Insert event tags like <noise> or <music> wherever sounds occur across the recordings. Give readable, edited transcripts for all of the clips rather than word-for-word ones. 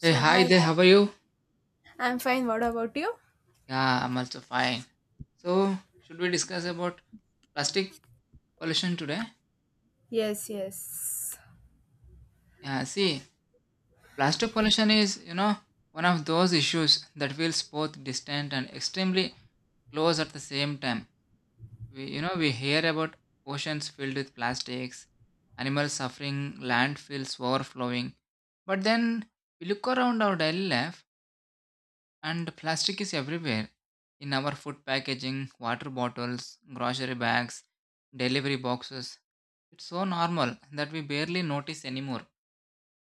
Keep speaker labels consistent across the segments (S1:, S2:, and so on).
S1: Hey, hi
S2: hi,
S1: there, how are you?
S2: I'm fine. What about you?
S1: Yeah, I'm also fine. So, should we discuss about plastic pollution today?
S2: Yes, yes.
S1: Yeah, see, plastic pollution is one of those issues that feels both distant and extremely close at the same time. We hear about oceans filled with plastics, animals suffering, landfills overflowing. But then we look around our daily life, and plastic is everywhere, in our food packaging, water bottles, grocery bags, delivery boxes. It's so normal that we barely notice anymore.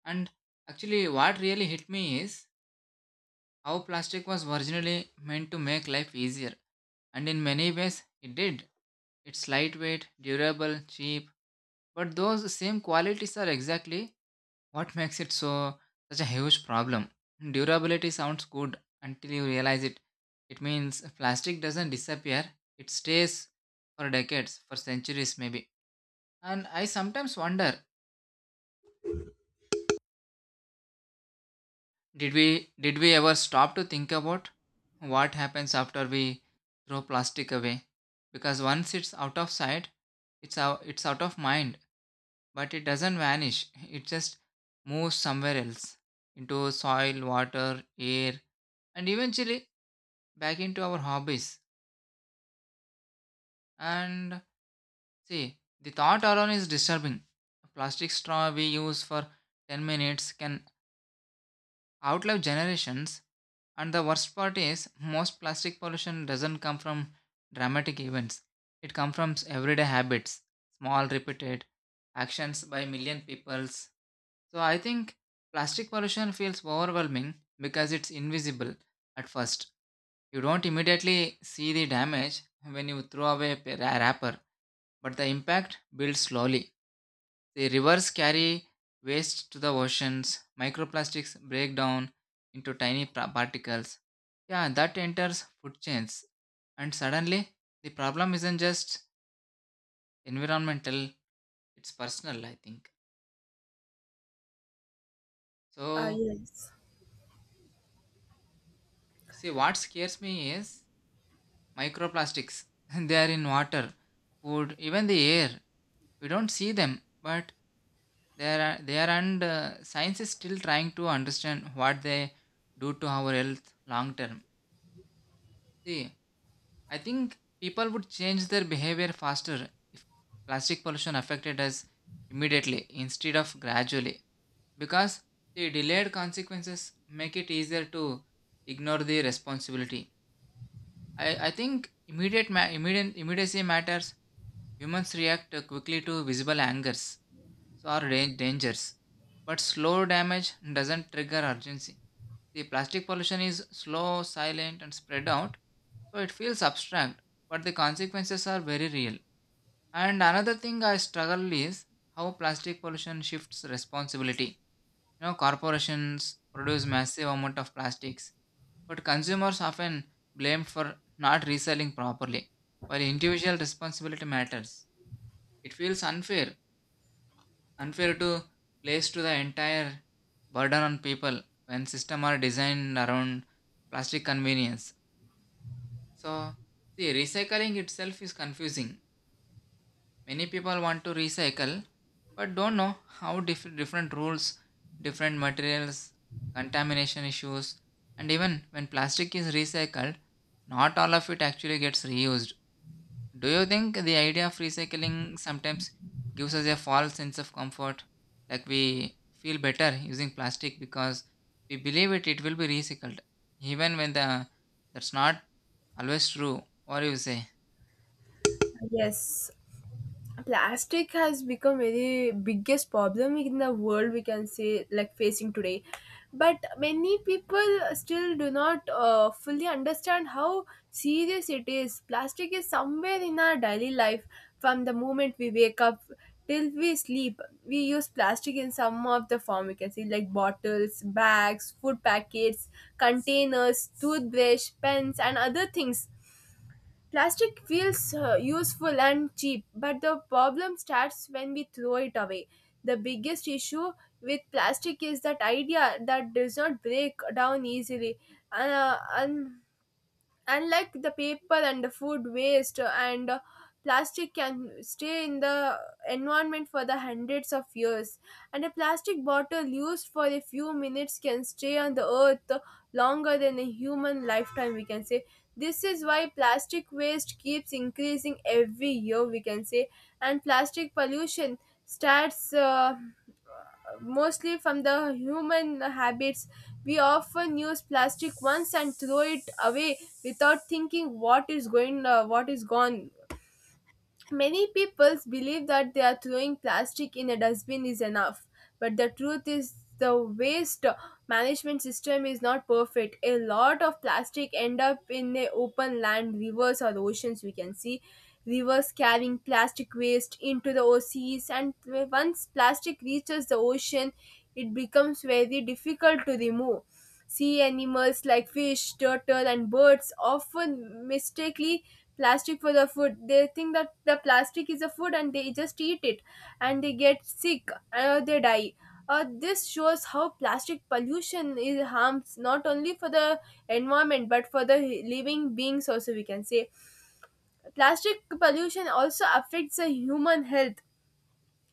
S1: And actually, what really hit me is how plastic was originally meant to make life easier. And in many ways, it did. It's lightweight, durable, cheap, but those same qualities are exactly what makes it such a huge problem. Durability sounds good until you realize it. It means plastic doesn't disappear, it stays for decades, for centuries maybe. And I sometimes wonder, did we ever stop to think about what happens after we throw plastic away? Because once it's out of sight, it's out of mind, but it doesn't vanish. It just moves somewhere else, into soil, water, air, and eventually back into our hobbies. And see, the thought alone is disturbing. A plastic straw we use for 10 minutes can outlive generations. And the worst part is, most plastic pollution doesn't come from dramatic events. It comes from everyday habits, small repeated actions by million peoples. So I think plastic pollution feels overwhelming because it's invisible at first. You don't immediately see the damage when you throw away a wrapper, but the impact builds slowly. The rivers carry waste to the oceans, microplastics break down into tiny particles. Yeah, that enters food chains, and suddenly the problem isn't just environmental, it's personal, I think.
S2: Uh,
S1: So,
S2: yes.
S1: you see, what scares me is microplastics. <laughs> They are in water, food, even the air. We don't see them, but they are, and science is still trying to understand what they do to our health long term. See, I think people would change their behavior faster if plastic pollution affected us immediately instead of gradually, because the delayed consequences make it easier to ignore the responsibility. I think immediate ma- immediate immediacy matters. Humans react quickly to visible angers, so, or dangers, but slow damage doesn't trigger urgency. The plastic pollution is slow, silent, and spread out, so it feels abstract, but the consequences are very real. And another thing I struggle is how plastic pollution shifts responsibility. Corporations produce massive amount of plastics, but consumers often blamed for not reselling properly. While individual responsibility matters, it feels unfair to place to the entire burden on people when systems are designed around plastic convenience. So, see, recycling itself is confusing. Many people want to recycle but don't know how, different rules, different materials, contamination issues, and even when plastic is recycled, not all of it actually gets reused. Do you think the idea of recycling sometimes gives us a false sense of comfort? Like we feel better using plastic because we believe it will be recycled, even when the that's not always true. What do you say?
S2: Yes. Plastic has become very biggest problem in the world, we can say, like facing today, but many people still do not fully understand how serious it is. Plastic is somewhere in our daily life, from the moment we wake up till we sleep. We use plastic in some of the form, we can see, like bottles, bags, food packets, containers, toothbrush, pens and other things. Plastic feels useful and cheap, but the problem starts when we throw it away. The biggest issue with plastic is that idea that does not break down easily. And unlike the paper and the food waste and plastic can stay in the environment for the hundreds of years, and a plastic bottle used for a few minutes can stay on the earth longer than a human lifetime, we can say. This is why plastic waste keeps increasing every year, we can say. And plastic pollution starts mostly from the human habits. We often use plastic once and throw it away without thinking what is going, what is gone. Many people believe that they are throwing plastic in a dustbin is enough, but the truth is the waste management system is not perfect. A lot of plastic end up in the open land, rivers or oceans, we can see. Rivers carrying plastic waste into the oceans, and once plastic reaches the ocean, it becomes very difficult to remove. Sea animals like fish, turtle and birds often mistakenly plastic for the food. They think that the plastic is a food and they just eat it, and they get sick, they die. This shows how plastic pollution is harms not only for the environment but for the living beings also, we can say. Plastic pollution also affects the human health.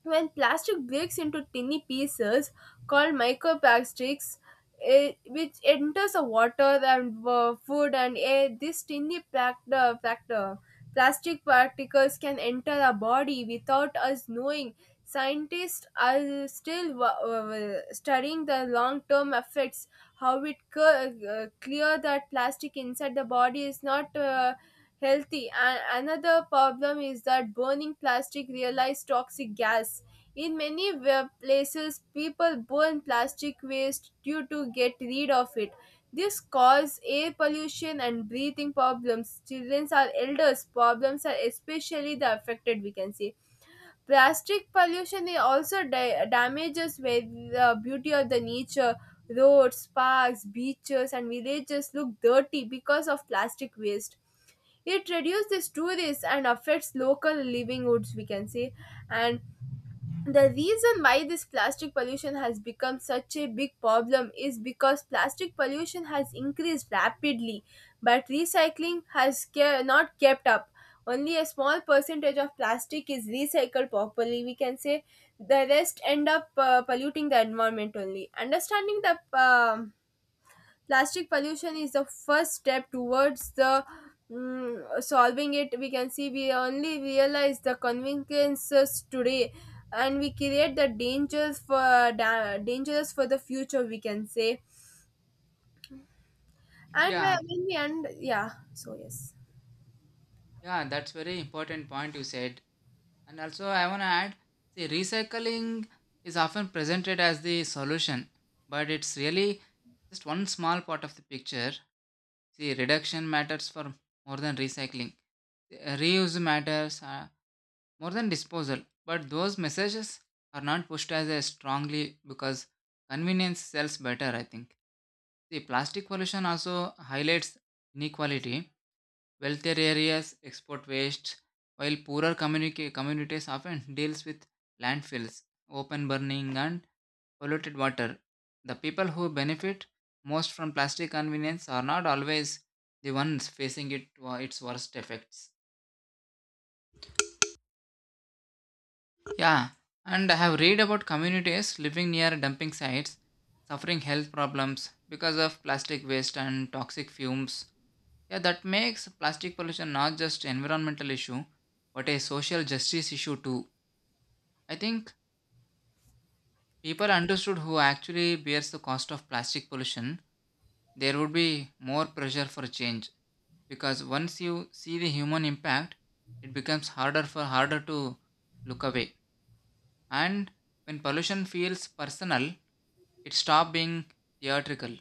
S2: When plastic breaks into tiny pieces called microplastics, which enters the water and food and air, these tiny plastic particles can enter our body without us knowing. Scientists are still studying the long-term effects. How it co- Clear that plastic inside the body is not. Healthy. And another problem is that burning plastic releases toxic gas. In many places, people burn plastic waste due to get rid of it. This causes air pollution and breathing problems. Children or elders problems are especially the affected, we can say. Plastic pollution is also damages where the beauty of the nature. Roads, parks, beaches, and villages look dirty because of plastic waste. It reduces tourists and affects local livelihoods, we can say. And the reason why this plastic pollution has become such a big problem is because plastic pollution has increased rapidly, but recycling has not kept up. Only a small percentage of plastic is recycled properly, we can say. The rest end up polluting the environment only. Understanding the plastic pollution is the first step towards the solving it, we can see. We only realize the conveniences today, and we create the dangers for dangers for the future, we can say. And when
S1: Yeah,
S2: when we end, yeah, so yes.
S1: yeah, that's very important point you said. And also, I want to add, see, recycling is often presented as the solution, but it's really just one small part of the picture. See, reduction matters for more than recycling. Reuse matters more than disposal, but those messages are not pushed as a strongly because convenience sells better, I think. See, plastic pollution also highlights inequality. Wealthier areas export waste, while poorer communities often deals with landfills, open burning, and polluted water. The people who benefit most from plastic convenience are not always the ones facing its worst effects. Yeah, and I have read about communities living near dumping sites suffering health problems because of plastic waste and toxic fumes. Yeah, that makes plastic pollution not just environmental issue, but a social justice issue too. I think people understood who actually bears the cost of plastic pollution, there would be more pressure for change, because once you see the human impact, it becomes harder to look away. And when pollution feels personal, it stops being theatrical.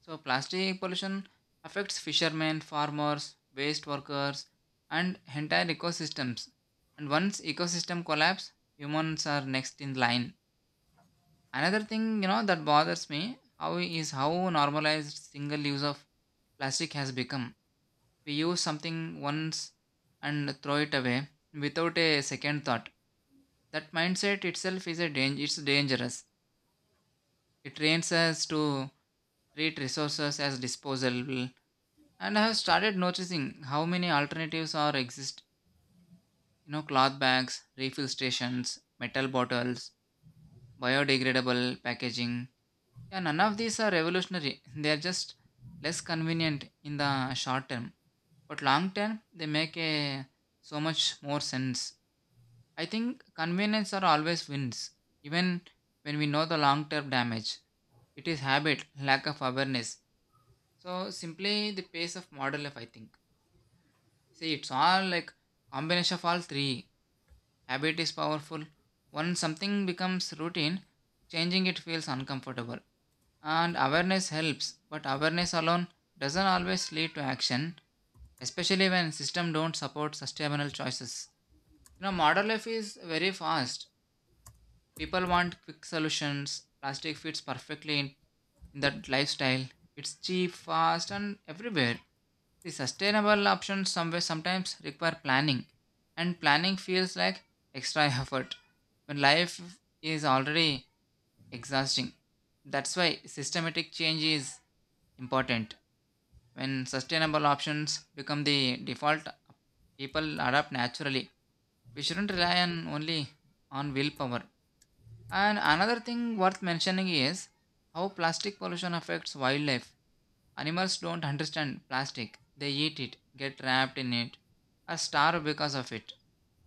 S1: So plastic pollution affects fishermen, farmers, waste workers, and entire ecosystems. And once ecosystem collapse, humans are next in line. Another thing that bothers me how normalized single use of plastic has become, we use something once and throw it away without a second thought. That mindset itself is a danger. It's dangerous. It trains us to treat resources as disposable. And I have started noticing how many alternatives are exist. Cloth bags, refill stations, metal bottles, biodegradable packaging. Yeah, none of these are revolutionary. They are just less convenient in the short term, but long term they make a so much more sense. I think convenience are always wins, even when we know the long term damage. It is habit, lack of awareness. So simply the pace of modern life, I think. See, it's all like combination of all three. Habit is powerful. Once something becomes routine, changing it feels uncomfortable. And awareness helps, but awareness alone doesn't always lead to action, especially when system don't support sustainable choices. Modern life is very fast. People want quick solutions. Plastic fits perfectly in that lifestyle. It's cheap, fast, and everywhere. The sustainable options somewhere sometimes require planning, and planning feels like extra <laughs> effort when life is already exhausting. That's why systematic change is important. When sustainable options become the default, people adapt naturally. We shouldn't rely on only on willpower. And another thing worth mentioning is how plastic pollution affects wildlife. Animals don't understand plastic, they eat it, get trapped in it, or starve because of it.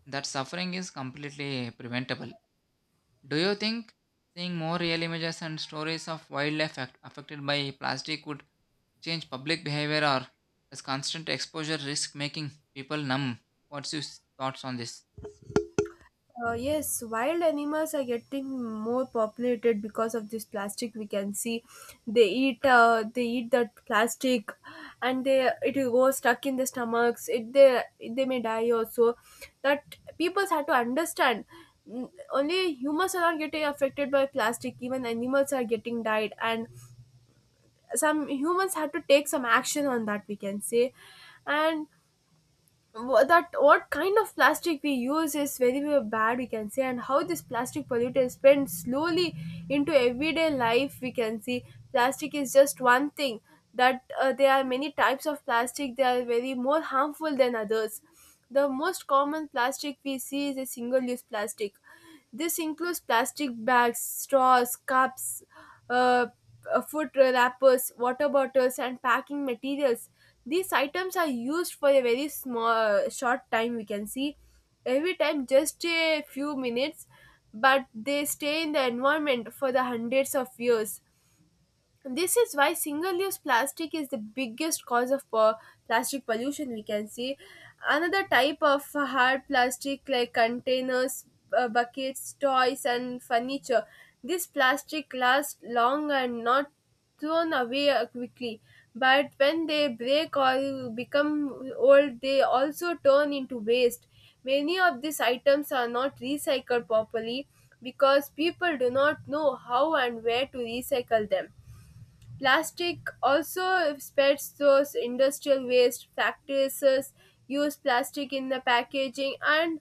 S1: That suffering is completely preventable. Do you think seeing more real images and stories of wildlife affected by plastic would change public behavior, or does constant exposure risk making people numb? What's your thoughts on this?
S2: Yes, wild animals are getting more populated because of this plastic, we can see. They eat, that plastic, and they, it will go stuck in the stomachs. It they may die also. That people have to understand. Only humans are not getting affected by plastic. Even animals are getting died, and some humans have to take some action on that, we can say. And that what kind of plastic we use is very bad, we can say, and how this plastic pollutant spreads slowly into everyday life, we can see. Plastic is just one thing that there are many types of plastic. They are very more harmful than others. The most common plastic we see is a single use plastic. This includes plastic bags, straws, cups, uh, food wrappers, water bottles, and packing materials. These items are used for a very small, short time, we can see. Every time, just a few minutes, but they stay in the environment for the hundreds of years. This is why single-use plastic is the biggest cause of plastic pollution, we can see. Another type of hard plastic like containers, buckets, toys, and furniture. This plastic lasts long and not thrown away quickly. But when they break or become old, they also turn into waste. Many of these items are not recycled properly because people do not know how and where to recycle them. Plastic also spreads those industrial waste practices. Use plastic in the packaging and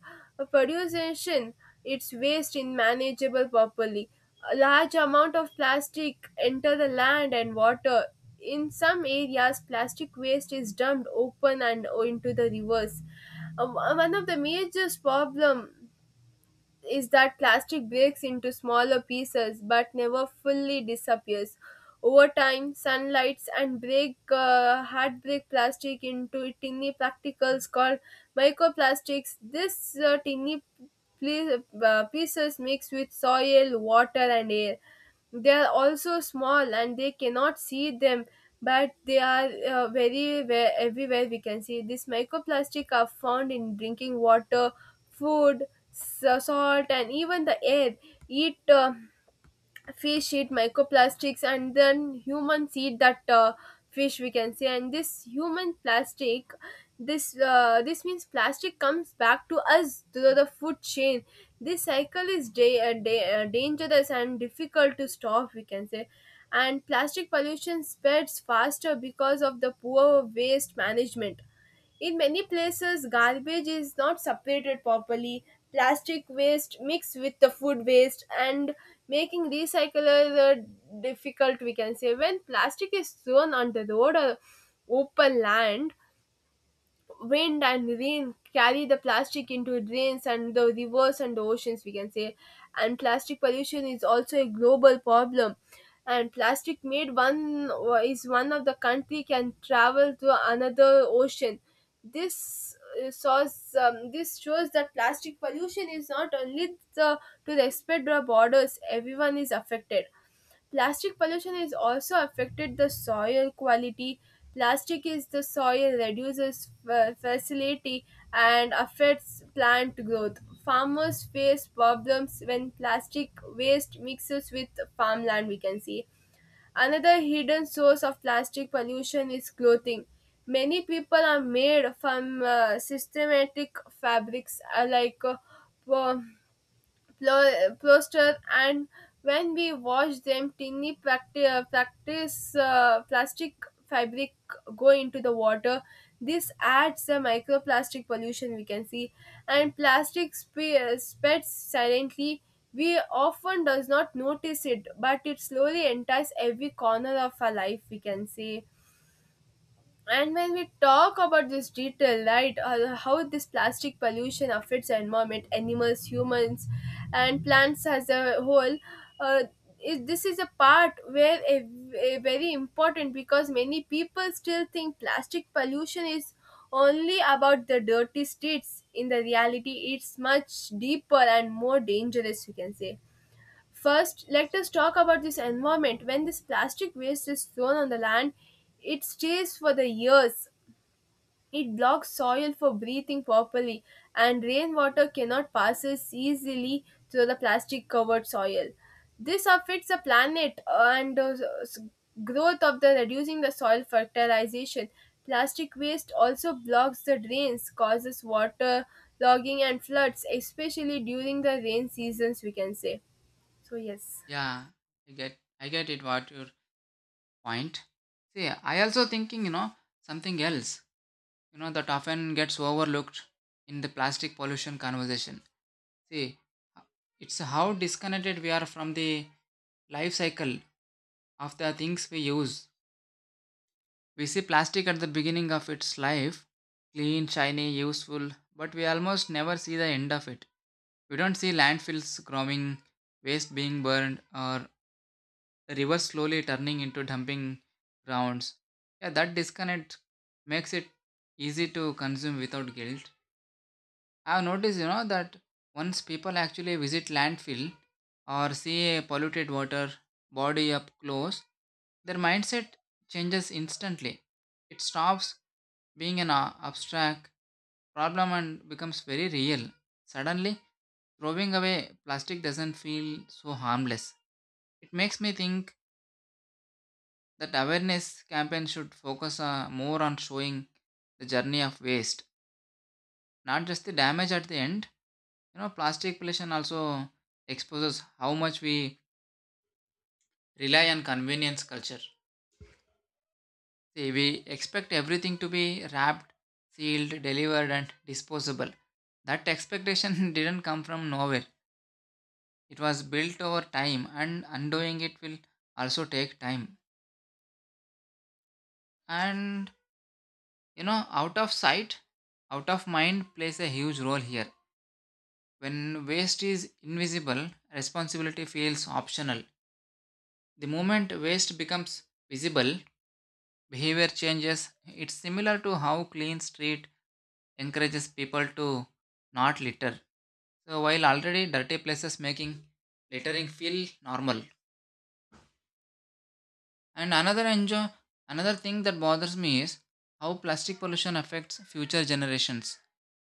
S2: production, its waste in manageable properly. A large amount of plastic enter the land and water. In some areas, plastic waste is dumped open and into the rivers. One of the major problem is that plastic breaks into smaller pieces but never fully disappears. Over time, sunlights and break hard break plastic into tiny particles called microplastics. This Tiny pieces mix with soil, water, and air. They are also small and they cannot see them, but they are everywhere, we can see. This microplastic are found in drinking water, food, salt and even the air. It Fish eat microplastics and then humans eat that fish, we can say. And this human plastic, this means plastic comes back to us through the food chain. This cycle is dangerous and difficult to stop, we can say. And plastic pollution spreads faster because of the poor waste management. In many places, garbage is not separated properly. Plastic waste mixed with the food waste and making recycler difficult, we can say. When plastic is thrown on the road or open land, wind and rain carry the plastic into drains and the rivers and the oceans, we can say. And plastic pollution is also a global problem, and plastic made one is one of the country can travel to another ocean. this this shows that plastic pollution is not only the, to respect the borders, everyone is affected. Plastic pollution is also affected the soil quality. Plastic is the soil reduces facility and affects plant growth. Farmers face problems when plastic waste mixes with farmland, we can see. Another hidden source of plastic pollution is clothing. Many people are made from systematic fabrics like po- plaster, and when we wash them, tiny plastic fabric go into the water. This adds a microplastic pollution, we can see. And plastic spreads silently. We often does not notice it, but it slowly enters every corner of our life, we can see. And when we talk about this detail, right, how this plastic pollution affects the environment, animals, humans, and plants as a whole, uh, this is a part where a very important, because many people still think plastic pollution is only about the dirty streets. In the reality, it's much deeper and more dangerous, you can say. First, let us talk about this environment. When this plastic waste is thrown on the land, it stays for the years. It blocks soil for breathing properly, and rainwater cannot pass easily through the plastic covered soil. This affects the planet and s- growth of the reducing the soil fertilization. Plastic waste also blocks the drains, causes water logging and floods, especially during the rain seasons, we can say. So, yes.
S1: Yeah, I get it. What you're point. See, I also thinking something else that often gets overlooked in the plastic pollution conversation. See, it's how disconnected we are from the life cycle of the things we use. We see plastic at the beginning of its life, clean, shiny, useful, but we almost never see the end of it. We don't see landfills growing, waste being burned, or the river slowly turning into dumping grounds. Yeah, that disconnect makes it easy to consume without guilt. I've noticed that once people actually visit landfill or see a polluted water body up close, their mindset changes instantly. It stops being an abstract problem and becomes very real. Suddenly, throwing away plastic doesn't feel so harmless. It makes me think that awareness campaign should focus more on showing the journey of waste, not just the damage at the end. Plastic pollution also exposes how much we rely on convenience culture. See, we expect everything to be wrapped, sealed, delivered, and disposable. That expectation <laughs> didn't come from nowhere, it was built over time, and undoing it will also take time. And out of sight, out of mind plays a huge role here. When waste is invisible, responsibility feels optional. The moment waste becomes visible, behavior changes. It's similar to how clean street encourages people to not litter. So while already dirty places making littering feel normal. And another thing that bothers me is how plastic pollution affects future generations,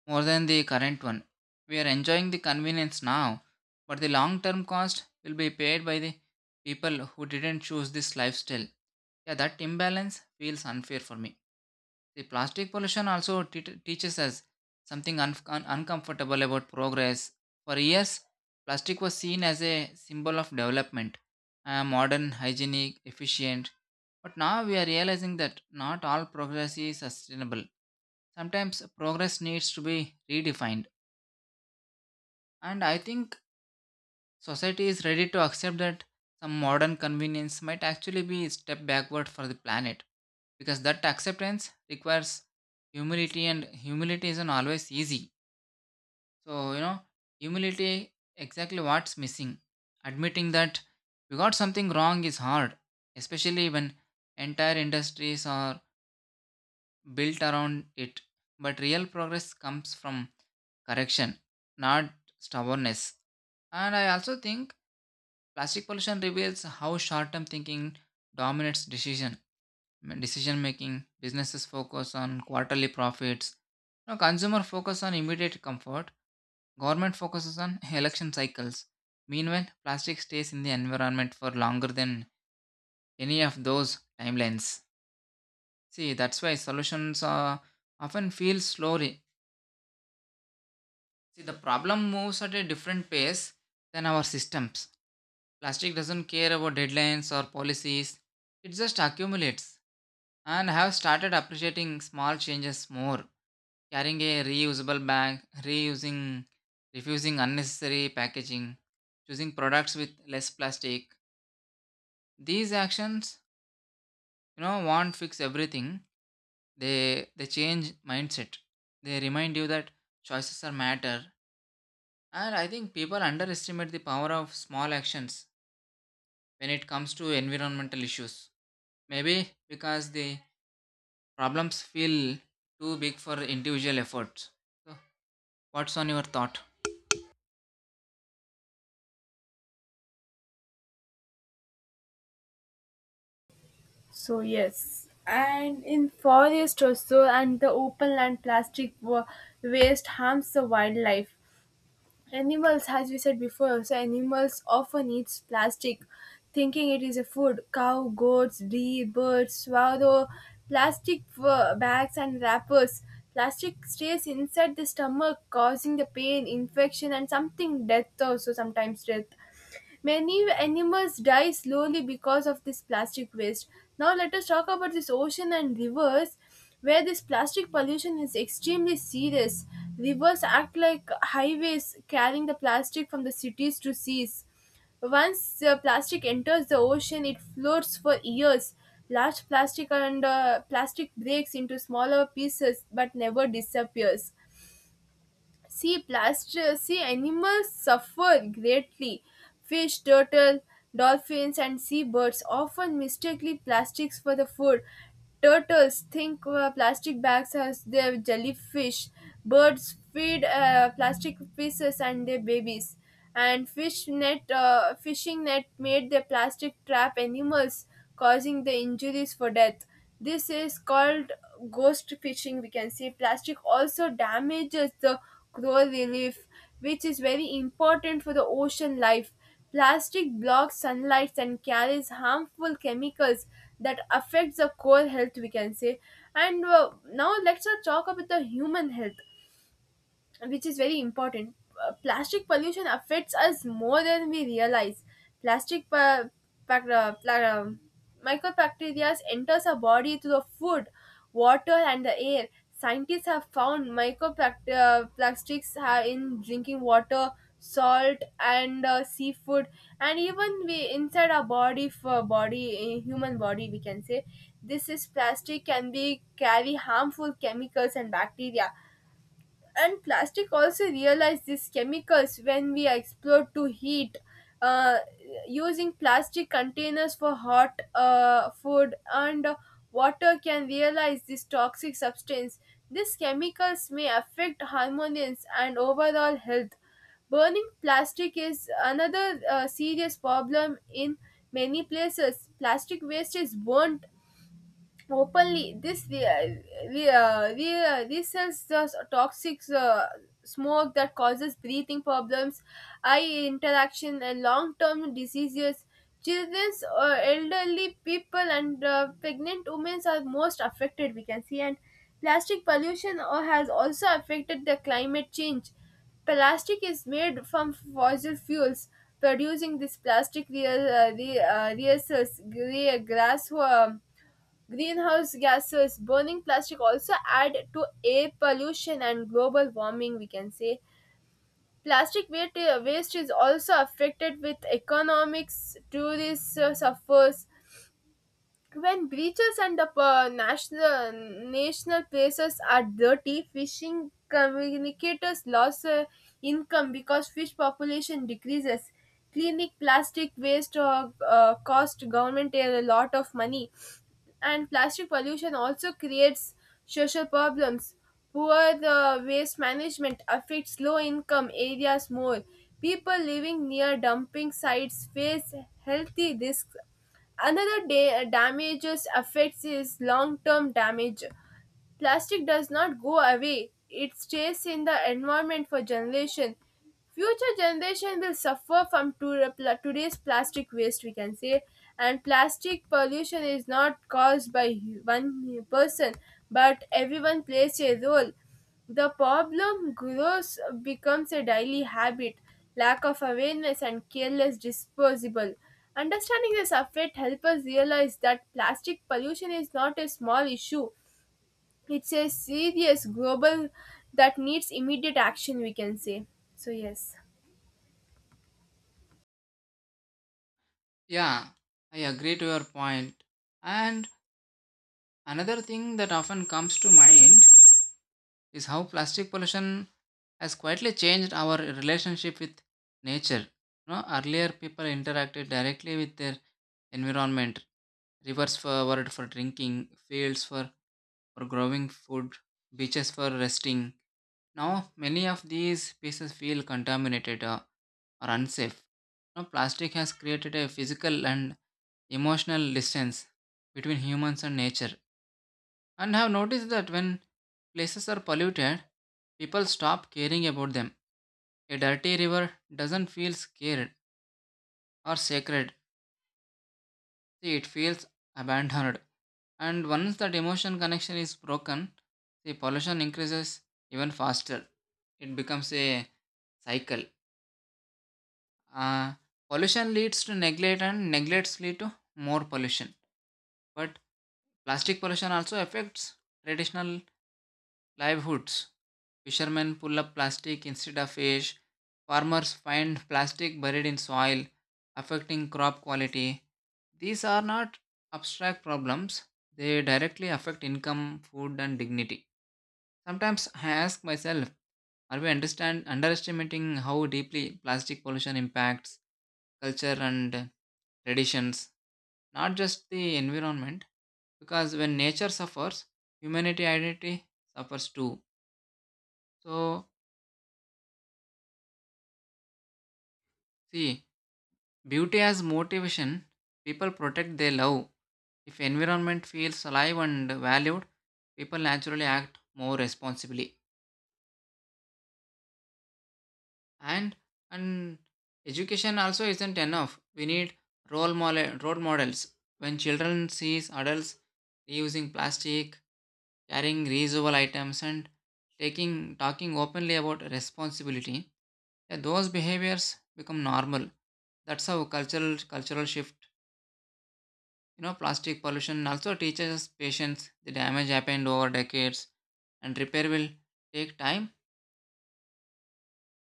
S1: more than the current one. We are enjoying the convenience now, but the long term cost will be paid by the people who didn't choose this lifestyle. Yeah, that imbalance feels unfair for me. The plastic pollution also teaches us something uncomfortable about progress. For years, plastic was seen as a symbol of development, modern, hygienic, efficient. But now we are realizing that not all progress is sustainable. Sometimes progress needs to be redefined. And I think society is ready to accept that some modern convenience might actually be a step backward for the planet, because that acceptance requires humility, and humility isn't always easy. So humility exactly what's missing. Admitting that we got something wrong is hard, especially when entire industries are built around it. But real progress comes from correction, not stubbornness. And I also think plastic pollution reveals how short-term thinking dominates decision making. Businesses focus on quarterly profits. Now, consumer focus on immediate comfort. Government focuses on election cycles. Meanwhile, plastic stays in the environment for longer than any of those timelines. See, that's why solutions are often feel slowly. See, the problem moves at a different pace than our systems. Plastic doesn't care about deadlines or policies. It just accumulates. And have started appreciating small changes more. Carrying a reusable bag, reusing, refusing unnecessary packaging, choosing products with less plastic. These actions won't fix everything. They change mindset. They remind you that choices are matter. And I think people underestimate the power of small actions when it comes to environmental issues. Maybe because the problems feel too big for individual efforts. So, what's on your thought?
S2: So yes, and in forest also, and the open land plastic waste harms the wildlife. Animals, as we said before, also animals often eats plastic, thinking it is a food. Cow, goats, deer, birds, swallow, plastic bags and wrappers. Plastic stays inside the stomach, causing the pain, infection, and something death also sometimes death. Many animals die slowly because of this plastic waste. Now let us talk about this ocean and rivers where this plastic pollution is extremely serious. Rivers act like highways carrying the plastic from the cities to seas. Once the plastic enters the ocean, it floats for years. Large plastic and plastic breaks into smaller pieces but never disappears. See, animals suffer greatly. Fish, turtle, dolphins and seabirds often mistakenly plastics for the food. Turtles think plastic bags as their jellyfish. Birds feed plastic pieces and their babies. And fishing net made the plastic trap animals, causing the injuries for death. This is called ghost fishing, we can see. Plastic also damages the coral reef, which is very important for the ocean life. Plastic blocks sunlight and carries harmful chemicals that affects the core health, we can say. And now let's not talk about the human health, which is very important. Plastic pollution affects us more than we realize. Plastic pa- pac- pla- Microbacteria enters our body through the food, water, and the air. Scientists have found microplastics are in drinking water, salt, and seafood, and even we inside our body, for body, human body, we can say. This is plastic can be carry harmful chemicals and bacteria. And plastic also realize these chemicals when we explore to heat. uh, Using plastic containers for hot food and water can realize this toxic substance. These chemicals may affect hormones and overall health. Burning plastic is another serious problem. In many places plastic waste is burnt openly. This we This is the toxic smoke that causes breathing problems, eye interaction and long-term diseases. Children or elderly people and pregnant women are most affected, we can see. And plastic pollution has also affected the climate change. Plastic is made from fossil fuels. Producing this plastic real re, reassess, gray grass greenhouse gases, burning plastic also add to air pollution and global warming, we can say. Plastic waste is also affected with economics, tourists suffers. When beaches and the national places are dirty, fishing communicators lost income because fish population decreases. Cleaning plastic waste cost government a lot of money. And plastic pollution also creates social problems. Poor waste management affects low income areas more. People living near dumping sites face healthy risks. Another damages affects is long term damage. Plastic does not go away, it stays in the environment for generations. Future generation will suffer from today's plastic waste, we can say. And plastic pollution is not caused by one person, but everyone plays a role. The problem grows, becomes a daily habit, lack of awareness, and careless disposable. Understanding this effect helps us realize that plastic pollution is not a small issue. It's a serious global that needs immediate action, we can say. So, yes.
S1: Yeah, I agree to your point. And another thing that often comes to mind is how plastic pollution has quietly changed our relationship with nature. Earlier people interacted directly with their environment, rivers for world for drinking, fields for growing food, beaches for resting. Now many of these places feel contaminated or unsafe. Now plastic has created a physical and emotional distance between humans and nature, and have noticed that when places are polluted, people stop caring about them. A dirty river doesn't feel scared or sacred, see, it feels abandoned. And once that emotion connection is broken, the pollution increases even faster. It becomes a cycle. Uh, Pollution leads to neglect, and neglects lead to more pollution. But plastic pollution also affects traditional livelihoods. Fishermen pull up plastic instead of fish. Farmers find plastic buried in soil, affecting crop quality. These are not abstract problems, they directly affect income, food, and dignity. Sometimes I ask myself, are we understand underestimating how deeply plastic pollution impacts culture and traditions, not just the environment? Because when nature suffers, humanity identity suffers too. So, see, beauty as motivation, people protect their love. If environment feels alive and valued, people naturally act more responsibly. And and education also isn't enough. We need role models. When children sees adults reusing plastic, carrying reusable items, and taking talking openly about responsibility, yeah, those behaviors become normal. That's how cultural shift. Plastic pollution also teaches us patience. The damage happened over decades, and repair will take time,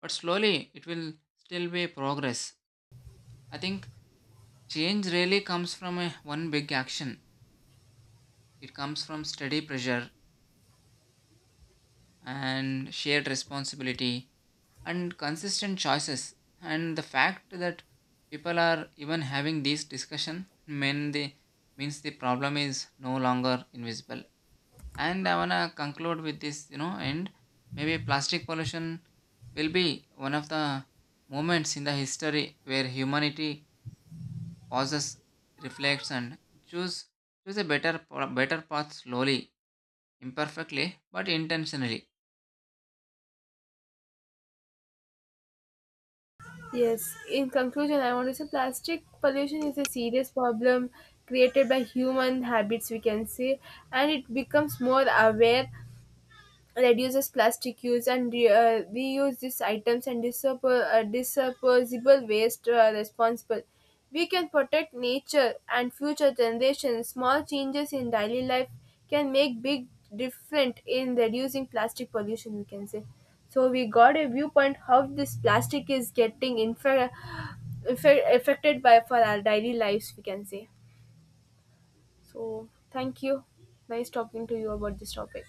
S1: but slowly it will still be progress. I think change really comes from one big action. It comes from steady pressure and shared responsibility and consistent choices. And the fact that people are even having this discussion means the problem is no longer invisible. And I wanna conclude with this and maybe plastic pollution will be one of the moments in the history where humanity pauses, reflects, and choose choose a better path, slowly, imperfectly, but intentionally.
S2: Yes, in conclusion, I want to say plastic pollution is a serious problem created by human habits, we can say, and it becomes more aware, reduces plastic use and reuse these items and disposable waste responsible. We can protect nature and future generations. Small changes in daily life can make big difference in reducing plastic pollution, we can say. So we got a viewpoint how this plastic is getting affected by for our daily lives, we can say. So thank you. Nice talking to you about this topic.